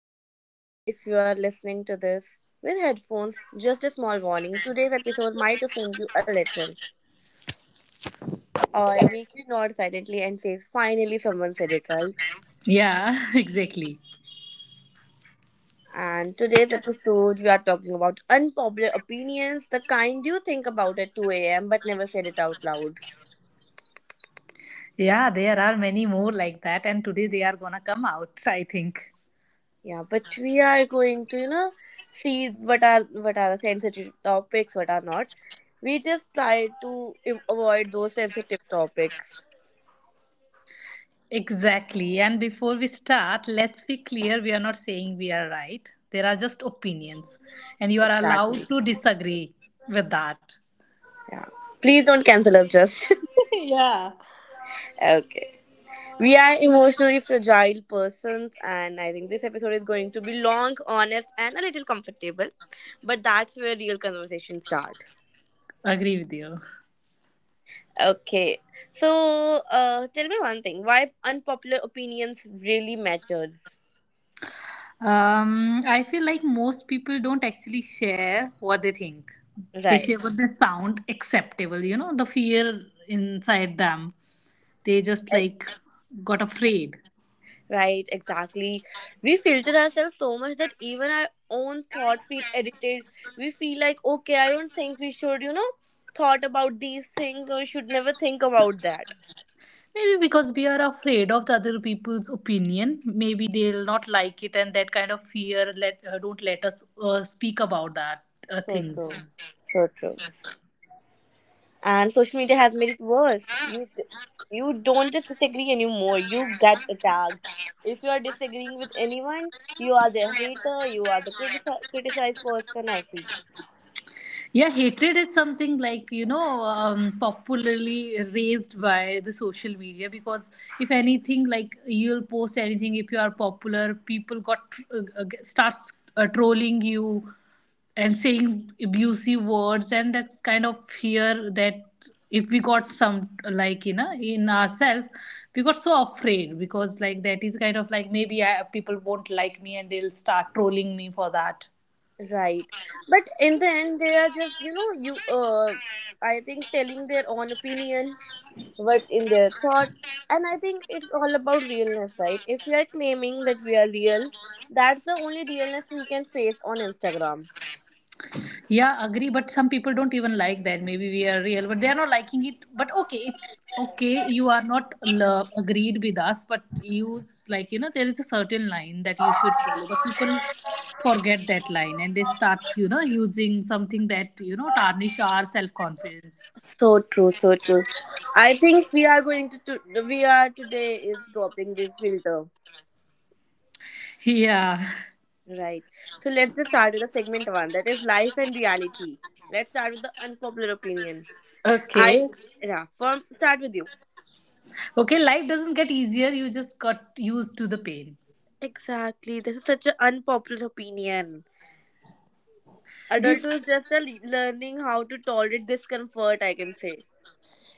podcast. If you are listening to this with headphones, just a small warning. Today's episode might offend you a little or make you nod silently and say, finally someone said it right. Yeah, exactly. And today's episode, we are talking about unpopular opinions, the kind you think about at 2 a.m. but never said it out loud. Yeah, there are many more like that, and today they are gonna come out, I think. Yeah, but we are going to, see what are the sensitive topics, what are not. We just try to avoid those sensitive topics. Exactly. And before we start, let's be clear we are not saying we are right. There are just opinions, and you are allowed Exactly. to disagree with that. Yeah. Please don't cancel us, just. yeah. Okay. We are emotionally fragile persons, and I think this episode is going to be long, honest, and a little comfortable. But that's where real conversations start. Agree with you. Okay. So, tell me one thing why unpopular opinions really matters. I feel like most people don't actually share what they think. They Right. share what they sound acceptable, you know, the fear inside them. They just like got afraid. Right, exactly. We filter ourselves so much that even our own thought feel edited. We feel like, okay, I don't think we should, thought about these things or we should never think about that. Maybe because we are afraid of the other people's opinion. Maybe they'll not like it, and that kind of fear let don't let us speak about that So things. true. So true. And social media has made it worse. You don't just disagree anymore. You get attacked. If you are disagreeing with anyone, you are the hater, you are the criticized person, I feel. Yeah, hatred is something like, you know, popularly raised by the social media because if anything, like you'll post anything, if you are popular, people got starts trolling you and saying abusive words, and that's kind of fear that if we got some like you know in ourselves we got so afraid because like that is kind of like maybe people won't like me and they'll start trolling me for that. Right. But in the end, they are just, you know, I think telling their own opinion, what's in their thought. And I think it's all about realness, right? If we are claiming that we are real, that's the only realness we can face on Instagram. Yeah, agree. But some people don't even like that. Maybe we are real, but they are not liking it. But okay, it's okay. You are not agreed with us, but like you know there is a certain line that you should follow. But people forget that line and they start you know using something that you know tarnish our self confidence. So true, so true. I think we are going to we are today is dropping this filter. Yeah. Right. So let's just start with the segment one that is life and reality. Let's start with the unpopular opinion. I, Okay. yeah, from start with you. Okay, life doesn't get easier. You just got used to the pain. Exactly. This is such an unpopular opinion. Bef Adulthood is just a learning how to tolerate discomfort, I can say.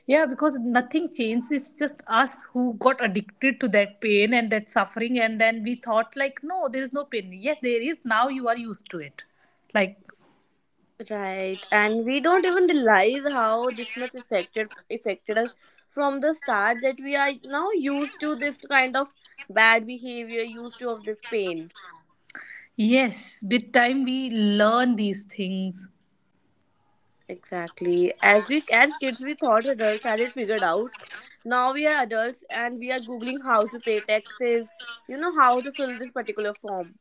Yeah, because nothing changed. It's just us who got addicted to that pain and that suffering. And then we thought, like, no, there is no pain. Yes, there is. Now you are used to it. Like, Right. And we don't even realize how this much affected us from the start that we are now used to this kind of bad behavior, used to of this pain. yes, with time we learn these things. Exactly. As we as kids we thought adults had it figured out. Now we are adults and we are googling how to pay taxes, you know how to fill this particular form.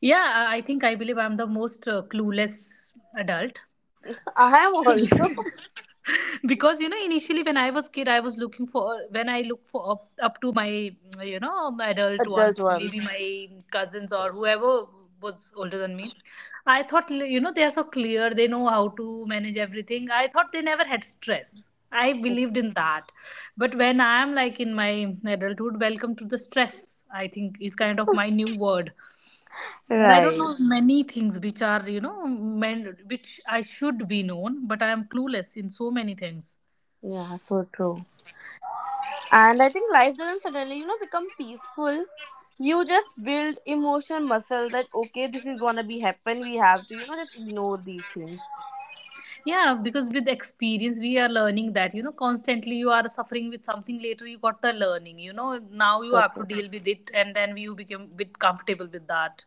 Yeah, I think I believe I'm the most clueless adult I am also because you know initially when I was kid I was looking for when I look up to my you know adult ones adult ones. maybe my cousins or whoever was older than me, I thought you know they are so clear, they know how to manage everything. I thought they never had stress. I believed in that, but when I am like in my adulthood, welcome to the stress. I think is kind of my new word, and I don't Right. know. Mhm. Many things which are you know men which I should be known, but I am clueless in so many things. Yeah, so true. And I think life doesn't suddenly, you know, become peaceful. You just build emotional muscle that okay, this is gonna be happen. We have to, you know, just ignore these things. Yeah, because with experience, we are learning that, you know, constantly you are suffering with something, later you got the learning, you know, now you So have to true. deal with it, and then you become a bit comfortable with that.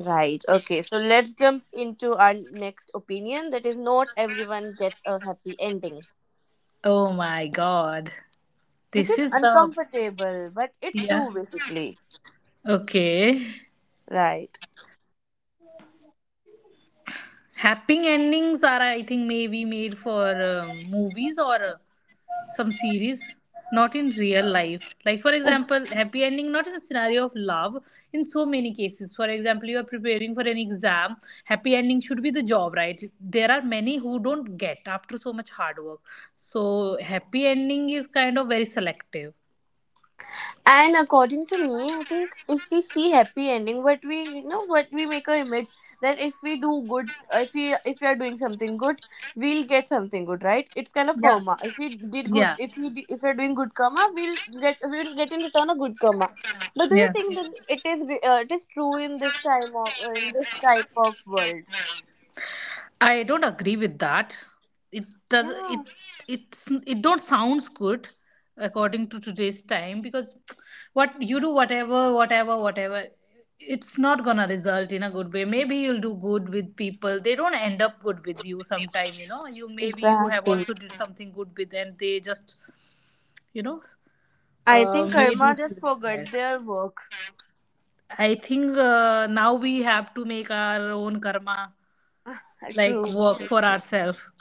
Right. Okay. So let's jump into our next opinion. That is, not everyone gets a happy ending. Oh my God. This This is is the, uncomfortable, but it's yeah. true basically. Okay. Right. Happy endings are, I think, maybe made for movies or some series, not in real life. Like, for example, happy ending, not in a scenario of love, in so many cases. For example, you are preparing for an exam, happy ending should be the job, right? There are many who don't get after so much hard work. So, happy ending is kind of very selective. And according to me, I think if we see happy ending, but we you know what we make a image that if we do good, if we are doing something good, we'll get something good, right? It's kind of Yeah, karma. If we did good, yeah, if we are doing good karma, we'll get in return a good karma. But do you yeah. think that it is it is true in this time of in this type of world? I don't agree with that. It does it Yeah, it's it don't sounds good according to today's time because what you do whatever it's not gonna result in a good way. Maybe you'll do good with people, they don't end up good with you. Sometime you know you, maybe you have exactly. also did something good with, and they just you know I think made you karma just sad. forgot their work. I think now we have to make our own karma, like True. work for ourselves.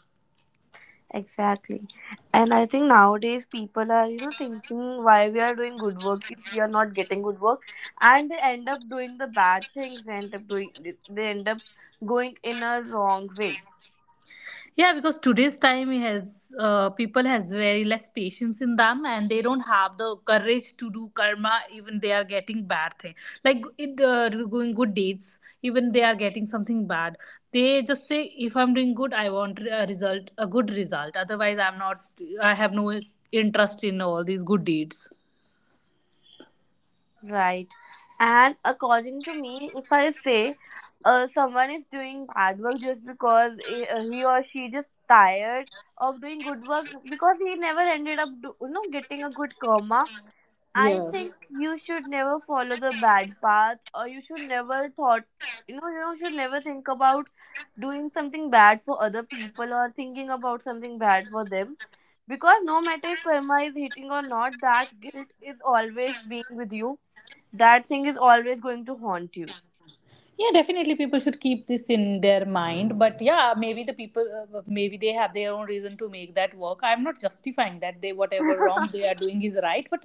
Exactly. And I think nowadays people are, you know, thinking why we are doing good work if we are not getting good work. And they end up doing the bad things. They end up doing, they end up going in a wrong way. Yeah, because today's time has people has very less patience in them, and they don't have the courage to do karma. Even they are getting bad thing, like it going good deeds. Even they are getting something bad. They just say, if I'm doing good, I want a result, a good result. Otherwise, I'm not. I have no interest in all these good deeds. Right. And according to me, if I say someone is doing bad work just because he or she just tired of doing good work because he never ended up, do, you know, getting a good karma I Yeah. think you should never follow the bad path or you should never thought you know you should never think about doing something bad for other people or thinking about something bad for them because no matter if karma is hitting or not that guilt is always being with you that thing is always going to haunt you Yeah, definitely people should keep this in their mind, but yeah, maybe the people maybe they have their own reason to make that work. I'm not justifying that they whatever wrong they are doing is right, but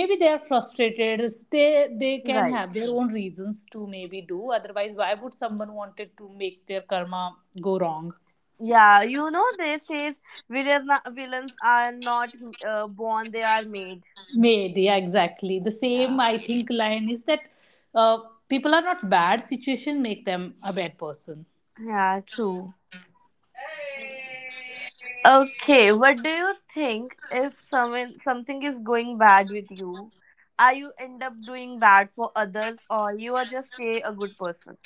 maybe they are frustrated. They can right have their own reasons to maybe do otherwise. Why would someone wanted to make their karma go wrong? yeah you know they says villains are not born they are made Made, yeah, exactly the same yeah I think line is that uh, people are not bad, situation make them a bad person. yeah true. Okay, what do you think if someone something is going bad with you? Are you end up doing bad for others or you are just stay a good person?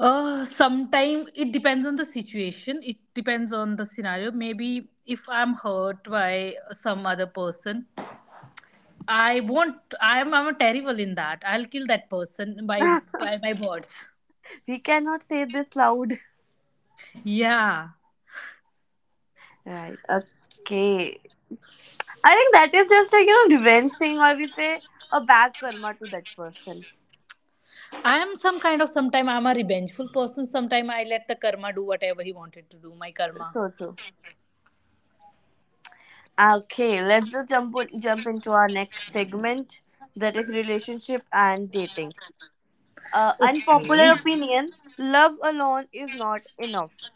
Sometime it depends on the situation. It depends on the scenario. Maybe if I'm hurt by some other person, I won't. I'm terrible in that. I'll kill that person by my words. We cannot say this loud. Yeah, Right. Okay. I think that is just a you know revenge thing or we say a bad karma to that person. I am some kind of. Sometime I'm a revengeful person. Sometime I let the karma do whatever he wanted to do. My karma. So so. Okay, let's just jump into our next segment that is relationship and dating. Okay. Unpopular opinion: love alone is not enough.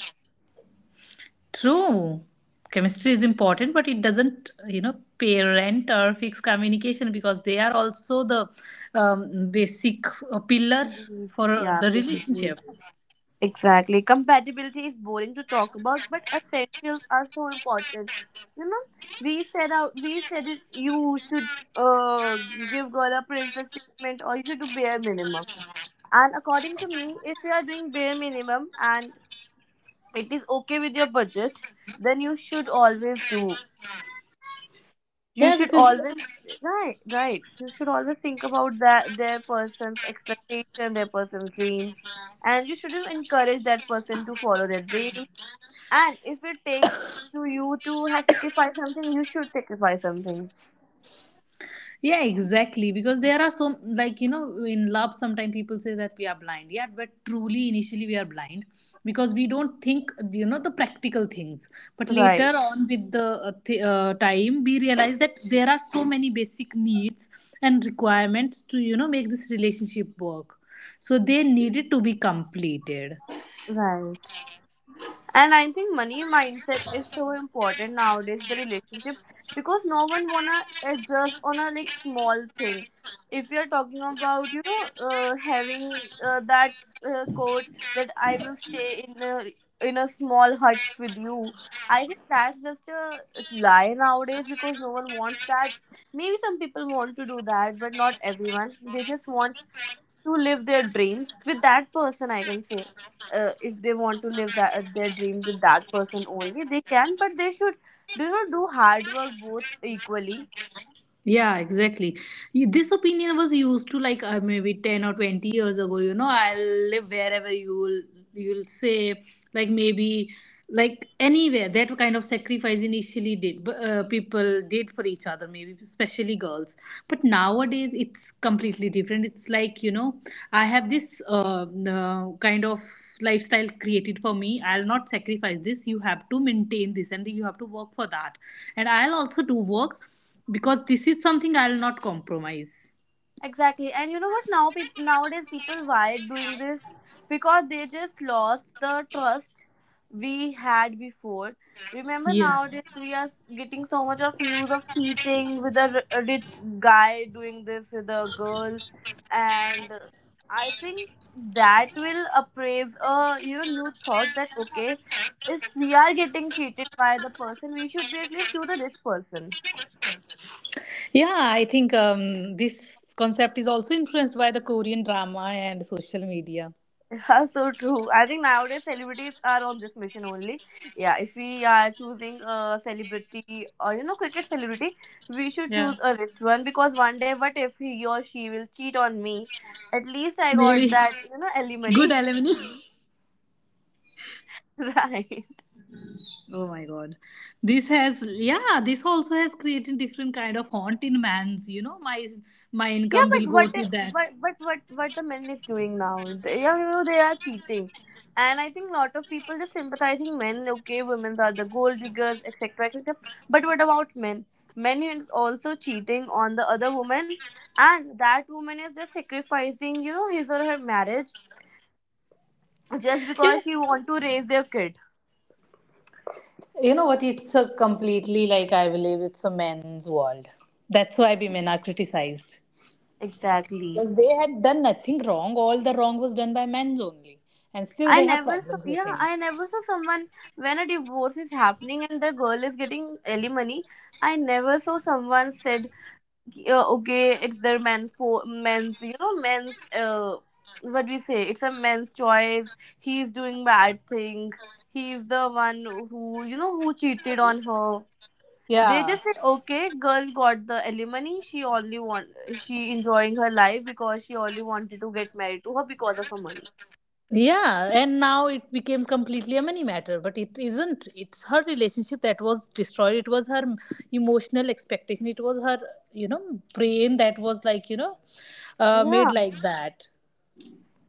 True. Chemistry is important, but it doesn't, you know, parent or fix communication because they are also the basic pillar Need. for Yeah, the basic need. relationship. Exactly. Compatibility is boring to talk about, but essentials are so important. You know, we said out, we said it. You should uh give girl a princess treatment, or you should do bare minimum. And according to me, if you are doing bare minimum and it is okay with your budget, then you should always do you Yeah, should because always right right you should always think about that their person's expectation their person's dream and you shouldn't encourage that person to follow their dream and if it takes to you to have sacrifice something you should sacrifice something yeah exactly, because there are so like you know in love sometimes people say that we are blind. Yeah, but truly initially we are blind because we don't think you know the practical things, but later right on with the time we realize that there are so many basic needs and requirements to you know make this relationship work, so they needed to be completed. right and I think money mindset is so important nowadays the relationship because no one wanna adjust on a like small thing if you're talking about you know having that quote that I will stay in a small hut with you I think that's just a lie nowadays because no one wants that maybe some people want to do that but not everyone they just want to live their dreams with that person I can say if they want to live that their dream with that person only they can but they should do not do hard work both equally. Yeah, exactly. This opinion was used to like maybe 10 or 20 years ago, you know, I'll live wherever you'll say, like maybe, like anywhere, that kind of sacrifice initially did people did for each other, maybe especially girls. But nowadays it's completely different. It's like you know I have this kind of lifestyle created for me. I'll not sacrifice this. You have to maintain this and you have to work for that, and I'll also do work, because this is something I'll not compromise. Exactly. And you know what? Now peop nowadays people why doing this because they just lost the trust we had before. Remember Yeah. nowadays we are getting so much of news of cheating with a rich guy doing this with a girl and I think that will appraise a you know new thought that okay if we are getting cheated by the person we should be at least to the rich person. Yeah, I think this concept is also influenced by the Korean drama and social media. Yeah, so true. I think nowadays celebrities are on this mission only. Yeah, if we are choosing a celebrity or you know cricket celebrity, we should Yeah. choose a rich one because one day what if he or she will cheat on me? At least I got Very that you know good alimony, alumni. right? Oh my god. This has yeah, this also has created different kind of haunt in man's, you know, my Yeah, income but will what go i- to what that. but what what the men is doing now? Yeah, you know they are cheating, and I think a lot of people just sympathizing men. Okay, women are the gold diggers, etc., etc. But what about men? Men is also cheating on the other woman, and that woman is just sacrificing, you know, his or her marriage just Yeah. because she want to raise their kid. You know what? It's a completely like I believe it's a men's world. That's why women are criticized. Exactly. Because they had done nothing wrong. All the wrong was done by men only. And still I they have never saw, problems with yeah, him. I never saw someone when a divorce is happening and the girl is getting alimony. I never saw someone said, okay, it's their man for men's, you know, men's, what we say, it's a man's choice. He's doing bad thing. He's the one who, you know, who cheated on her. They Yeah. just said, okay, girl got the alimony. She enjoying her life because she only wanted to get married to her because of her money. Yeah. And now it becomes completely a money matter. But it isn't. It's her relationship that was destroyed. It was her emotional expectation. It was her, you know, brain that was like, you know, Yeah. made like that.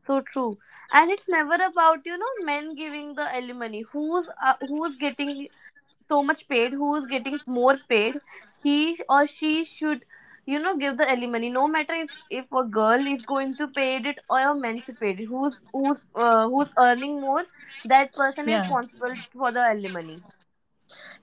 So true. And it's never about, you know, men giving the alimony. Who's getting so much paid, who's getting more paid, he or she should, you know, give the alimony. No matter if a girl is going to pay it or a man should pay it. Who's earning more, that person is Yeah. responsible for the alimony.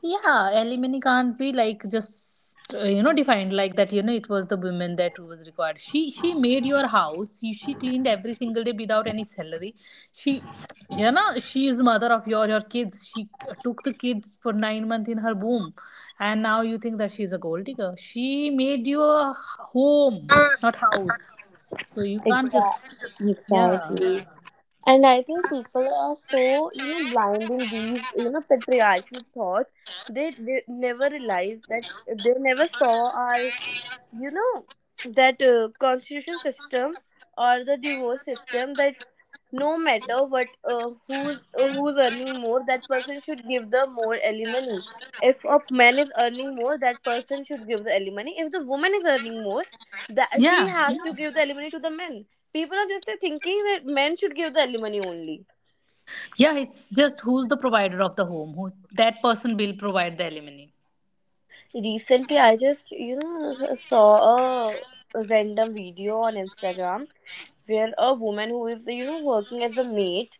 Yeah, alimony can't be like just you know defined like that. You know, it was the woman that was required. She made your house. She cleaned every single day without any salary. She you know she is mother of your kids. She took the kids for 9 months in her womb, and now you think that she's a gold digger. She made you a home, not house. So you can't just Exactly. yeah Exactly. And I think people are so, you know, blind in these, you know, patriarchy thoughts. They never realize that they never saw our, you know, that constitution system or the divorce system that no matter what, who's earning more, that person should give the more alimony. If a man is earning more, that person should give the alimony. If the woman is earning more, that she yeah has to Yeah. give the alimony to the man. People are just thinking that men should give the alimony only. yeah. It's just who's the provider of the home. Who that person will provide the alimony. Recently, I just, saw a random video on Instagram where a woman who is, working as a maid,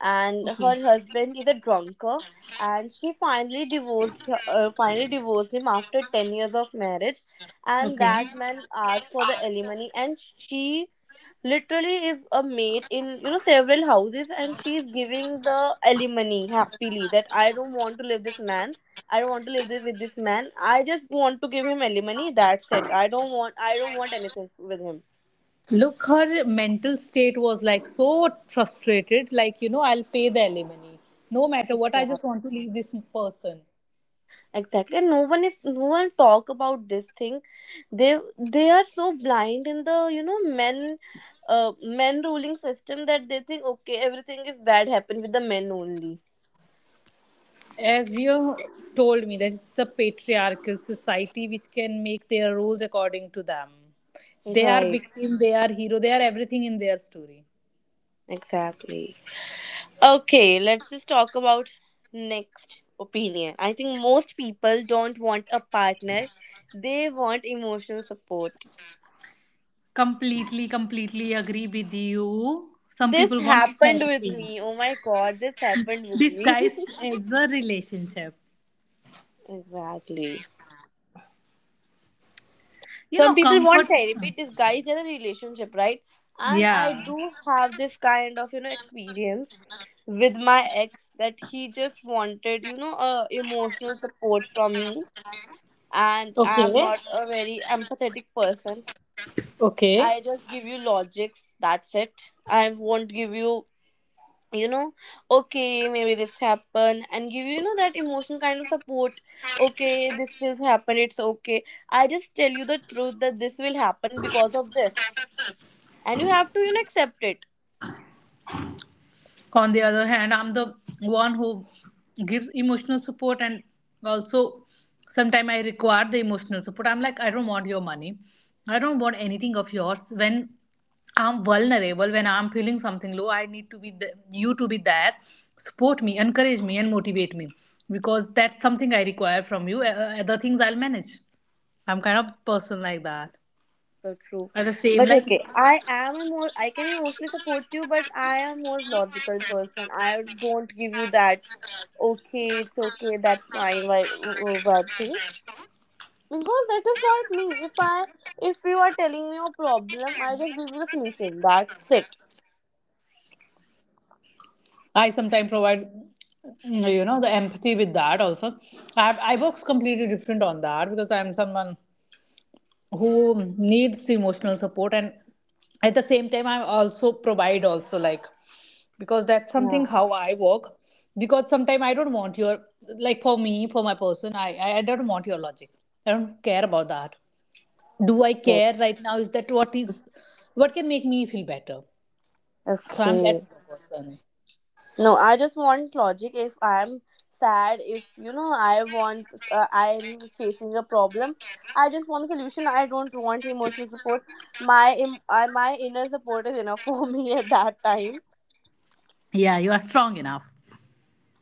and Okay. her husband is a drunkard, and she finally divorced finally divorced him after 10 years of marriage, and Okay. that man asked for the alimony, and she literally is a maid in several houses, and she's giving the alimony happily, that I don't want to live this man. I don't want to live with this man. I just want to give him alimony. That's it. I don't want. I don't want anything with him. Look, her mental state was like so frustrated, like, you know, I'll pay the alimony. No matter what, I Exactly. just want to leave this person. Exactly. And no one is. No one talk about this thing. They are so blind in the men ruling system, that they think, okay, everything is bad happen with the men only. As you told me, that it's a patriarchal society which can make their rules according to them. They are Right. victim, they are hero, they are everything in their story. Exactly. Okay. Let's just talk about next opinion. I think most people don't want a partner. They want emotional support. Completely, completely agree with you. Some This people want happened with therapy me. Oh my god, this happened with me. disguised as a relationship. Exactly. You Some know, people want comfort. therapy. This guy is in a relationship, right? And Yeah. I do have this kind of, experience with my ex, that he just wanted, emotional support from me. And Okay. I'm not a very empathetic person. Okay. I just give you logics. That's it. I won't give you you know okay, maybe this happened, and give that emotional kind of support. Okay, this is happened, it's okay. I just tell you the truth, that this will happen because of this, and you have to accept it. On the other hand, I'm the one who gives emotional support, and also sometimes I require the emotional support. I'm like I don't want your money. I don't want anything of yours. When I'm vulnerable, when I'm feeling something low, I need to be the, you to be there, support me, encourage me, and motivate me, because that's something I require from you. Other things I'll manage. I'm kind of person like that. So true. At the same But like okay, I am a more, I can emotionally support you, but I am more logical person. I don't give you that. Okay, it's okay, that's fine. Why thing? Because that is not me. If you are telling me your problem, I just give you the solution, that's it. I sometimes provide, you know, the empathy with that also. I work completely different on that because I'm someone who needs emotional support, and at the same time, I also provide also like because that's something Yeah. how I work. Because sometimes I don't want your like for me for my person, I don't want your logic. I don't care about that. Do I Right. care right now? Is that what is what can make me feel better? So I'm that Okay. kind of person. No, I just want logic. If I'm sad, if, you know, I'm facing a problem. I just want a solution. I don't want emotional support. My inner support is enough for me at that time. Yeah, you are strong enough.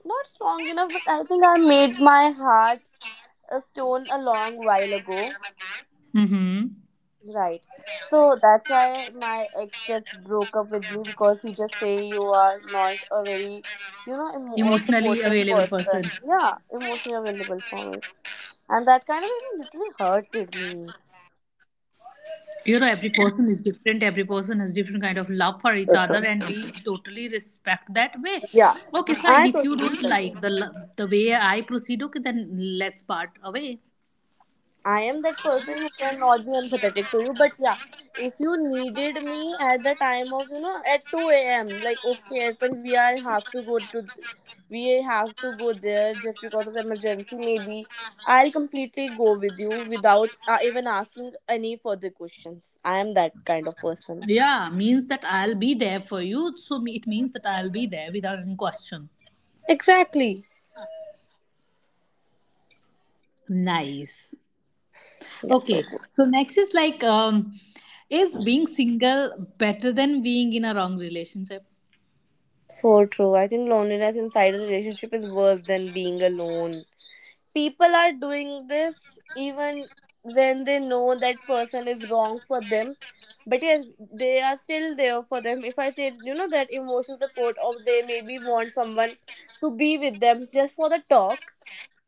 Not strong enough, but I think I made my heart a stone a long while ago. Mm-hmm. Right. So that's why my ex just broke up with me, because he just say, you are not a very, a emotionally supportive available person. person. Yeah, emotionally available for me. And that kind of even literally hurted me. You know, every person is different. Every person has different kind of love for each So other, true. and we totally respect that way. Yeah. Okay, fine. I If you totally don't respect it. like the way I proceed, okay, then let's part away. I am that person who cannot be empathetic to you, but yeah, if you needed me at the time of at 2 a.m., like, okay, Erpan, we have to go there just because of emergency. Maybe I'll completely go with you without even asking any further questions. I am that kind of person. Yeah, means that I'll be there for you. It means that I'll be there without any question. Exactly. Nice. Yeah. So Okay, cool. so next is is being single better than being in a wrong relationship? So true. I think loneliness inside a relationship is worse than being alone. People are doing this even when they know that person is wrong for them, but yes, they are still there for them. If I say that emotional support, or they maybe want someone to be with them just for the talk,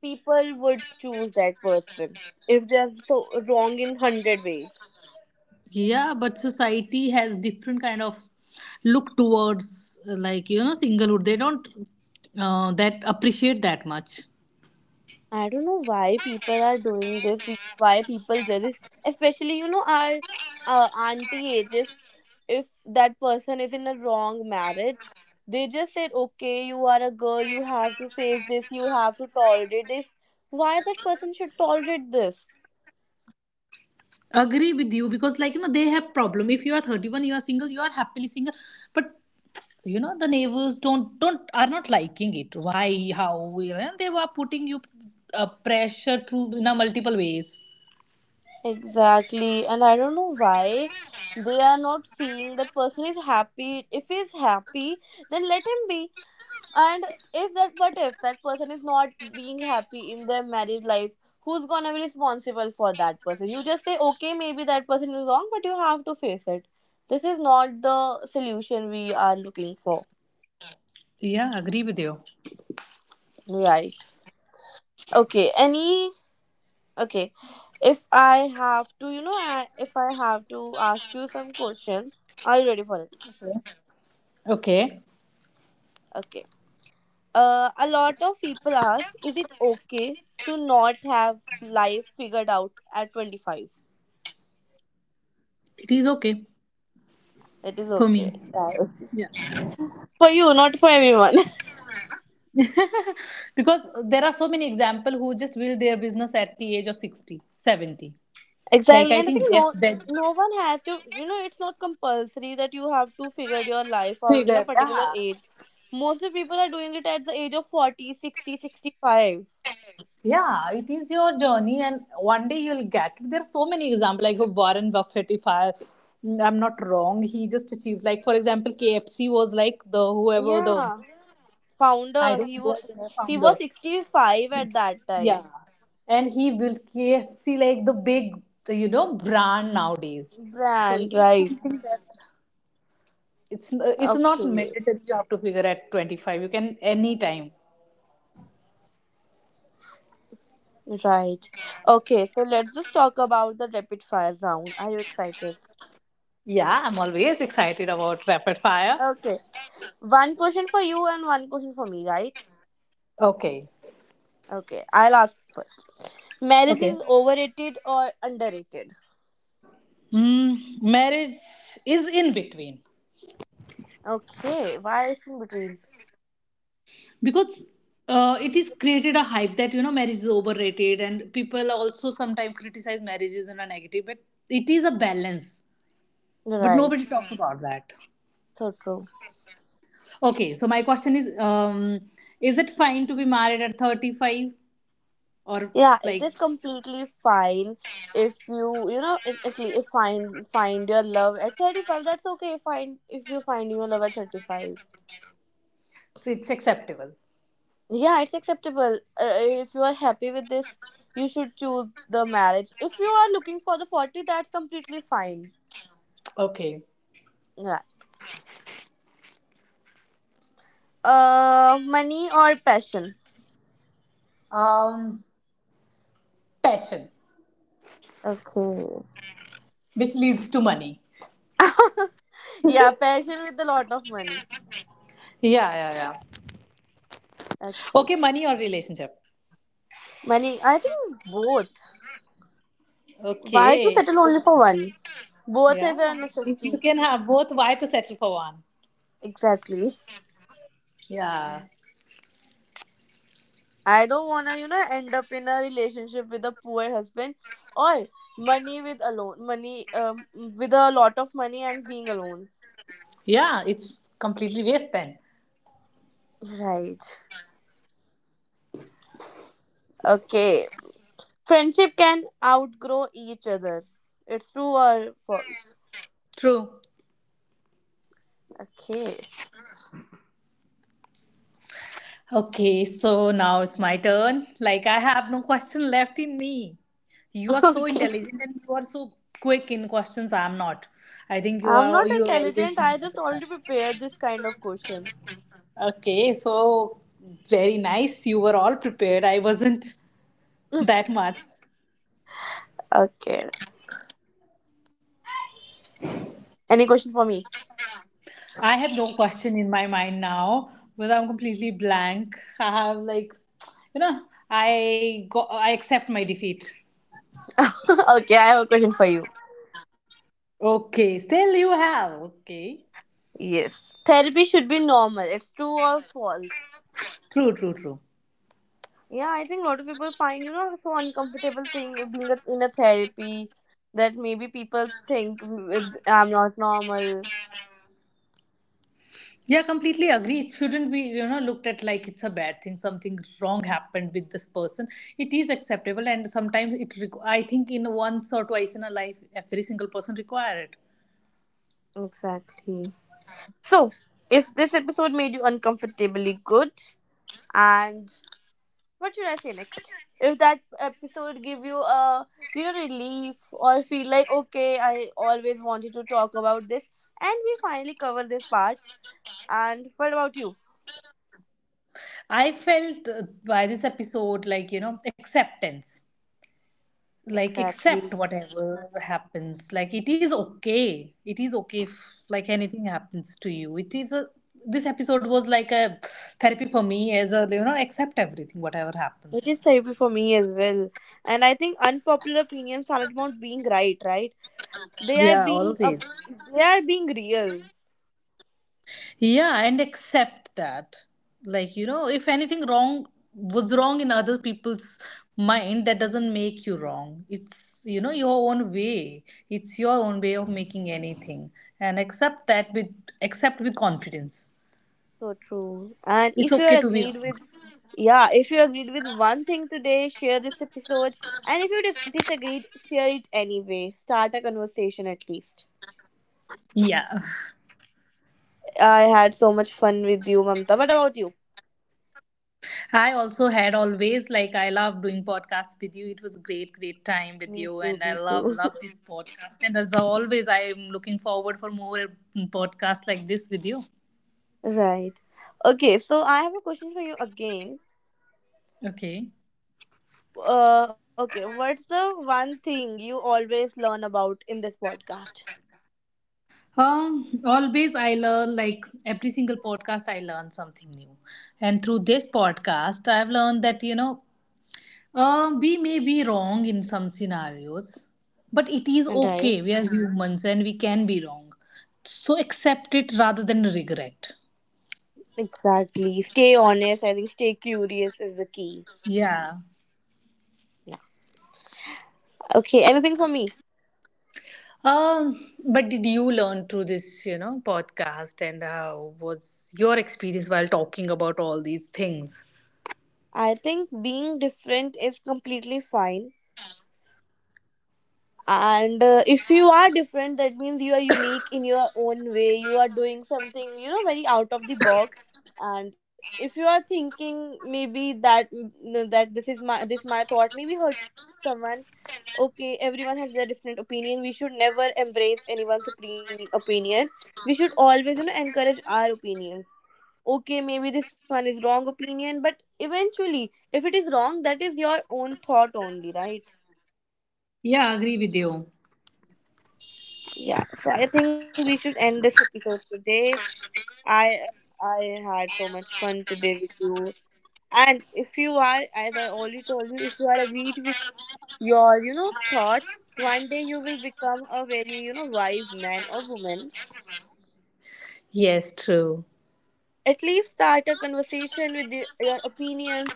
people would choose that person if they're so wrong in 100 ways. Yeah, but society has different kind of look towards like you know singlehood. They don't that appreciate that much. I don't know why people are doing this. Why people jealous, especially our auntie ages. If that person is in a wrong marriage, they just said, okay, you are a girl, you have to face this, you have to tolerate this. Why that person should tolerate this? Agree with you because like you know they have problem. If you are 31, you are single, you are happily single, but you know the neighbors don't are not liking it. Why? How? You know, they were putting you pressure through in a multiple ways. Exactly. And I don't know why they are not seeing that person is happy. If he's happy, then let him be. And if that, what if that person is not being happy in their marriage life? Who's gonna be responsible for that person? You just say, okay, maybe that person is wrong, but you have to face it. This is not the solution we are looking for. Yeah, agree with you. Right. Okay. Any. Okay. If I have to, ask you some questions, are you ready for it? Okay. Okay. A lot of people asked, is it okay to not have life figured out at 25? It is okay It is for okay. me. Right. Yeah. For you, not for everyone. Because there are so many examples who just build their business at the age of 60, 70. Like Exactly. I And I think think Jeff no Bezos. no one has to it's not compulsory that you have to figure your life out in a Figure. particular Yeah. age. Most of people are doing it at the age of 40, 60, 65. Yeah, it is your journey, and one day you'll get it. There are so many examples, like Warren Buffett. If I, I'm not wrong, he just achieved. Like for example, KFC was like the whoever the, Yeah. I Founder, don't he was know, when I he found the name was founder. 65 at that Yeah. time. And he will KFC like the big you know brand nowadays. So Brand, it is right. something that it's not Okay. mandatory you have to figure at 25. You can anytime. Right. Okay, so let's just talk about the rapid fire round. Are you excited? Yeah, I'm always excited about rapid fire. Okay. One question for you and one question for me, right? Okay. Okay, I'll ask first. Marriage Okay. is overrated or underrated? Mm, marriage is in between Okay, why is in between? because it is created a hype that you know marriage is overrated and people also sometimes criticize marriages in a negative, but it is a balance, but Right, nobody talks about that. so true. Okay, so my question is, is it fine to be married at 35 or Yeah, it like, is completely fine if you know it, at least find your love at 35. That's okay. Find if you find your love at 35. so it's acceptable. Yeah, it's acceptable. If you are happy with this, you should choose the marriage. If you are looking for the 40, that's completely fine. Okay. Yeah. Money or passion? um passion, Okay. which leads to money. Yeah, passion with a lot of money. Yeah, yeah, yeah. Okay. Okay, money or relationship? Money, I think both. Why to Okay. settle only for one? Both Yeah, is a if you necessity. can have both, why to settle for one? Exactly. Yeah, I don't wanna, end up in a relationship with a poor husband or money with alone money with a lot of money and being alone. yeah, it's completely waste then. Right. Okay. Friendship can outgrow each other. It's true or false? True. Okay. Okay, so now it's my turn. Like, I have no question left in me. You are so Okay. intelligent and you are so quick in questions. I am not. I think you I'm are, not you have always intelligent. been I just rebel. already prepared this kind of questions. Okay, so very nice. You were all prepared. I wasn't that much. Okay. Any question for me? I have no question in my mind now because I'm completely blank. I have, like, you know, I accept my defeat. Okay, I have a question for you. Okay, still you have. Okay. Yes. Therapy should be normal. It's true or false? True, true, true. Yeah, I think a lot of people find, so uncomfortable thing of being in a therapy, that maybe people think with, I'm not normal. Yeah, completely agree. It shouldn't be, you know, looked at like it's a bad thing. Something wrong happened with this person. It is acceptable, and sometimes I think in once or twice in a life, every single person require it. Exactly. So, if this episode made you uncomfortably good, and what should I say next? If that episode give you a relief, or feel like, okay, I always wanted to talk about this, and we finally cover this part. And what about you? I felt by this episode like you know acceptance, like Exactly, accept whatever happens. Like it is okay. It is okay if like anything happens to you. It is a, this episode was like a therapy for me as a you know accept everything whatever it is happens. therapy for me as well. And I think unpopular opinions aren't about being right, right? They are Yeah, being a, always. they are being real. Yeah, and accept that. Like, you know, if anything wrong was wrong in other people's mind, that doesn't make you wrong. It's, you know, your own way. It's your own way of making anything. And accept that with, accept with confidence. So true. And It's if you are okay to be agreed wrong. with, yeah, if you agreed with one thing today, share this episode. And if you disagreed, share it anyway. Start a conversation at least. Yeah. I had so much fun with you, Mamta. What about you? I also had, always, like I love doing podcasts with you. It was a great, great time with Me you, too, and I me love too. love this podcast. And as always, I am looking forward for more podcasts like this with you. Right. Okay, so I have a question for you again. Okay. Okay, what's the one thing you always learn about in this podcast? Always I learn, like every single podcast I learn something new. And through this podcast I've learned that you know we may be wrong in some scenarios, but it is Right. okay. We are, mhm, humans, and we can be wrong. So accept it rather than regret. Exactly. Stay honest. I think stay curious is the key. Yeah. Yeah. Okay, anything for me? Um, but did you learn through this, you know, podcast, and how was your experience while talking about all these things? I think being different is completely fine. And if you are different, that means you are unique in your own way. You are doing something, very out of the box. And if you are thinking maybe that that this is my thought maybe hurt someone. Okay, everyone has their different opinion. We should never embrace anyone's opinion. Opinion. We should always, encourage our opinions. Okay, maybe this one is wrong opinion, but eventually if it is wrong, that is your own thought only, right? Yeah, I agree with you. Yeah, so I think we should end this episode today. I i had so much fun today with you. And if you are, as I already told you, if you are agreed with your thoughts, one day you will become a very wise man or woman. Yes, true. At least start a conversation with your opinions.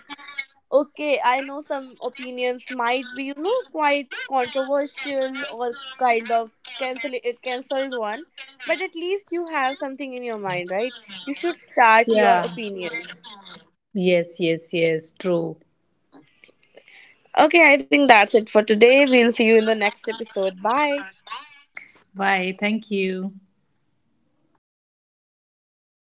Okay, I know some opinions might be, quite controversial, or kind of cancelled one, but at least you have something in your mind, right? You should start your Yeah. opinions. Yes, yes, yes. True. Okay, I think that's it for today. We'll see you in the next episode. Bye. Bye. Thank you.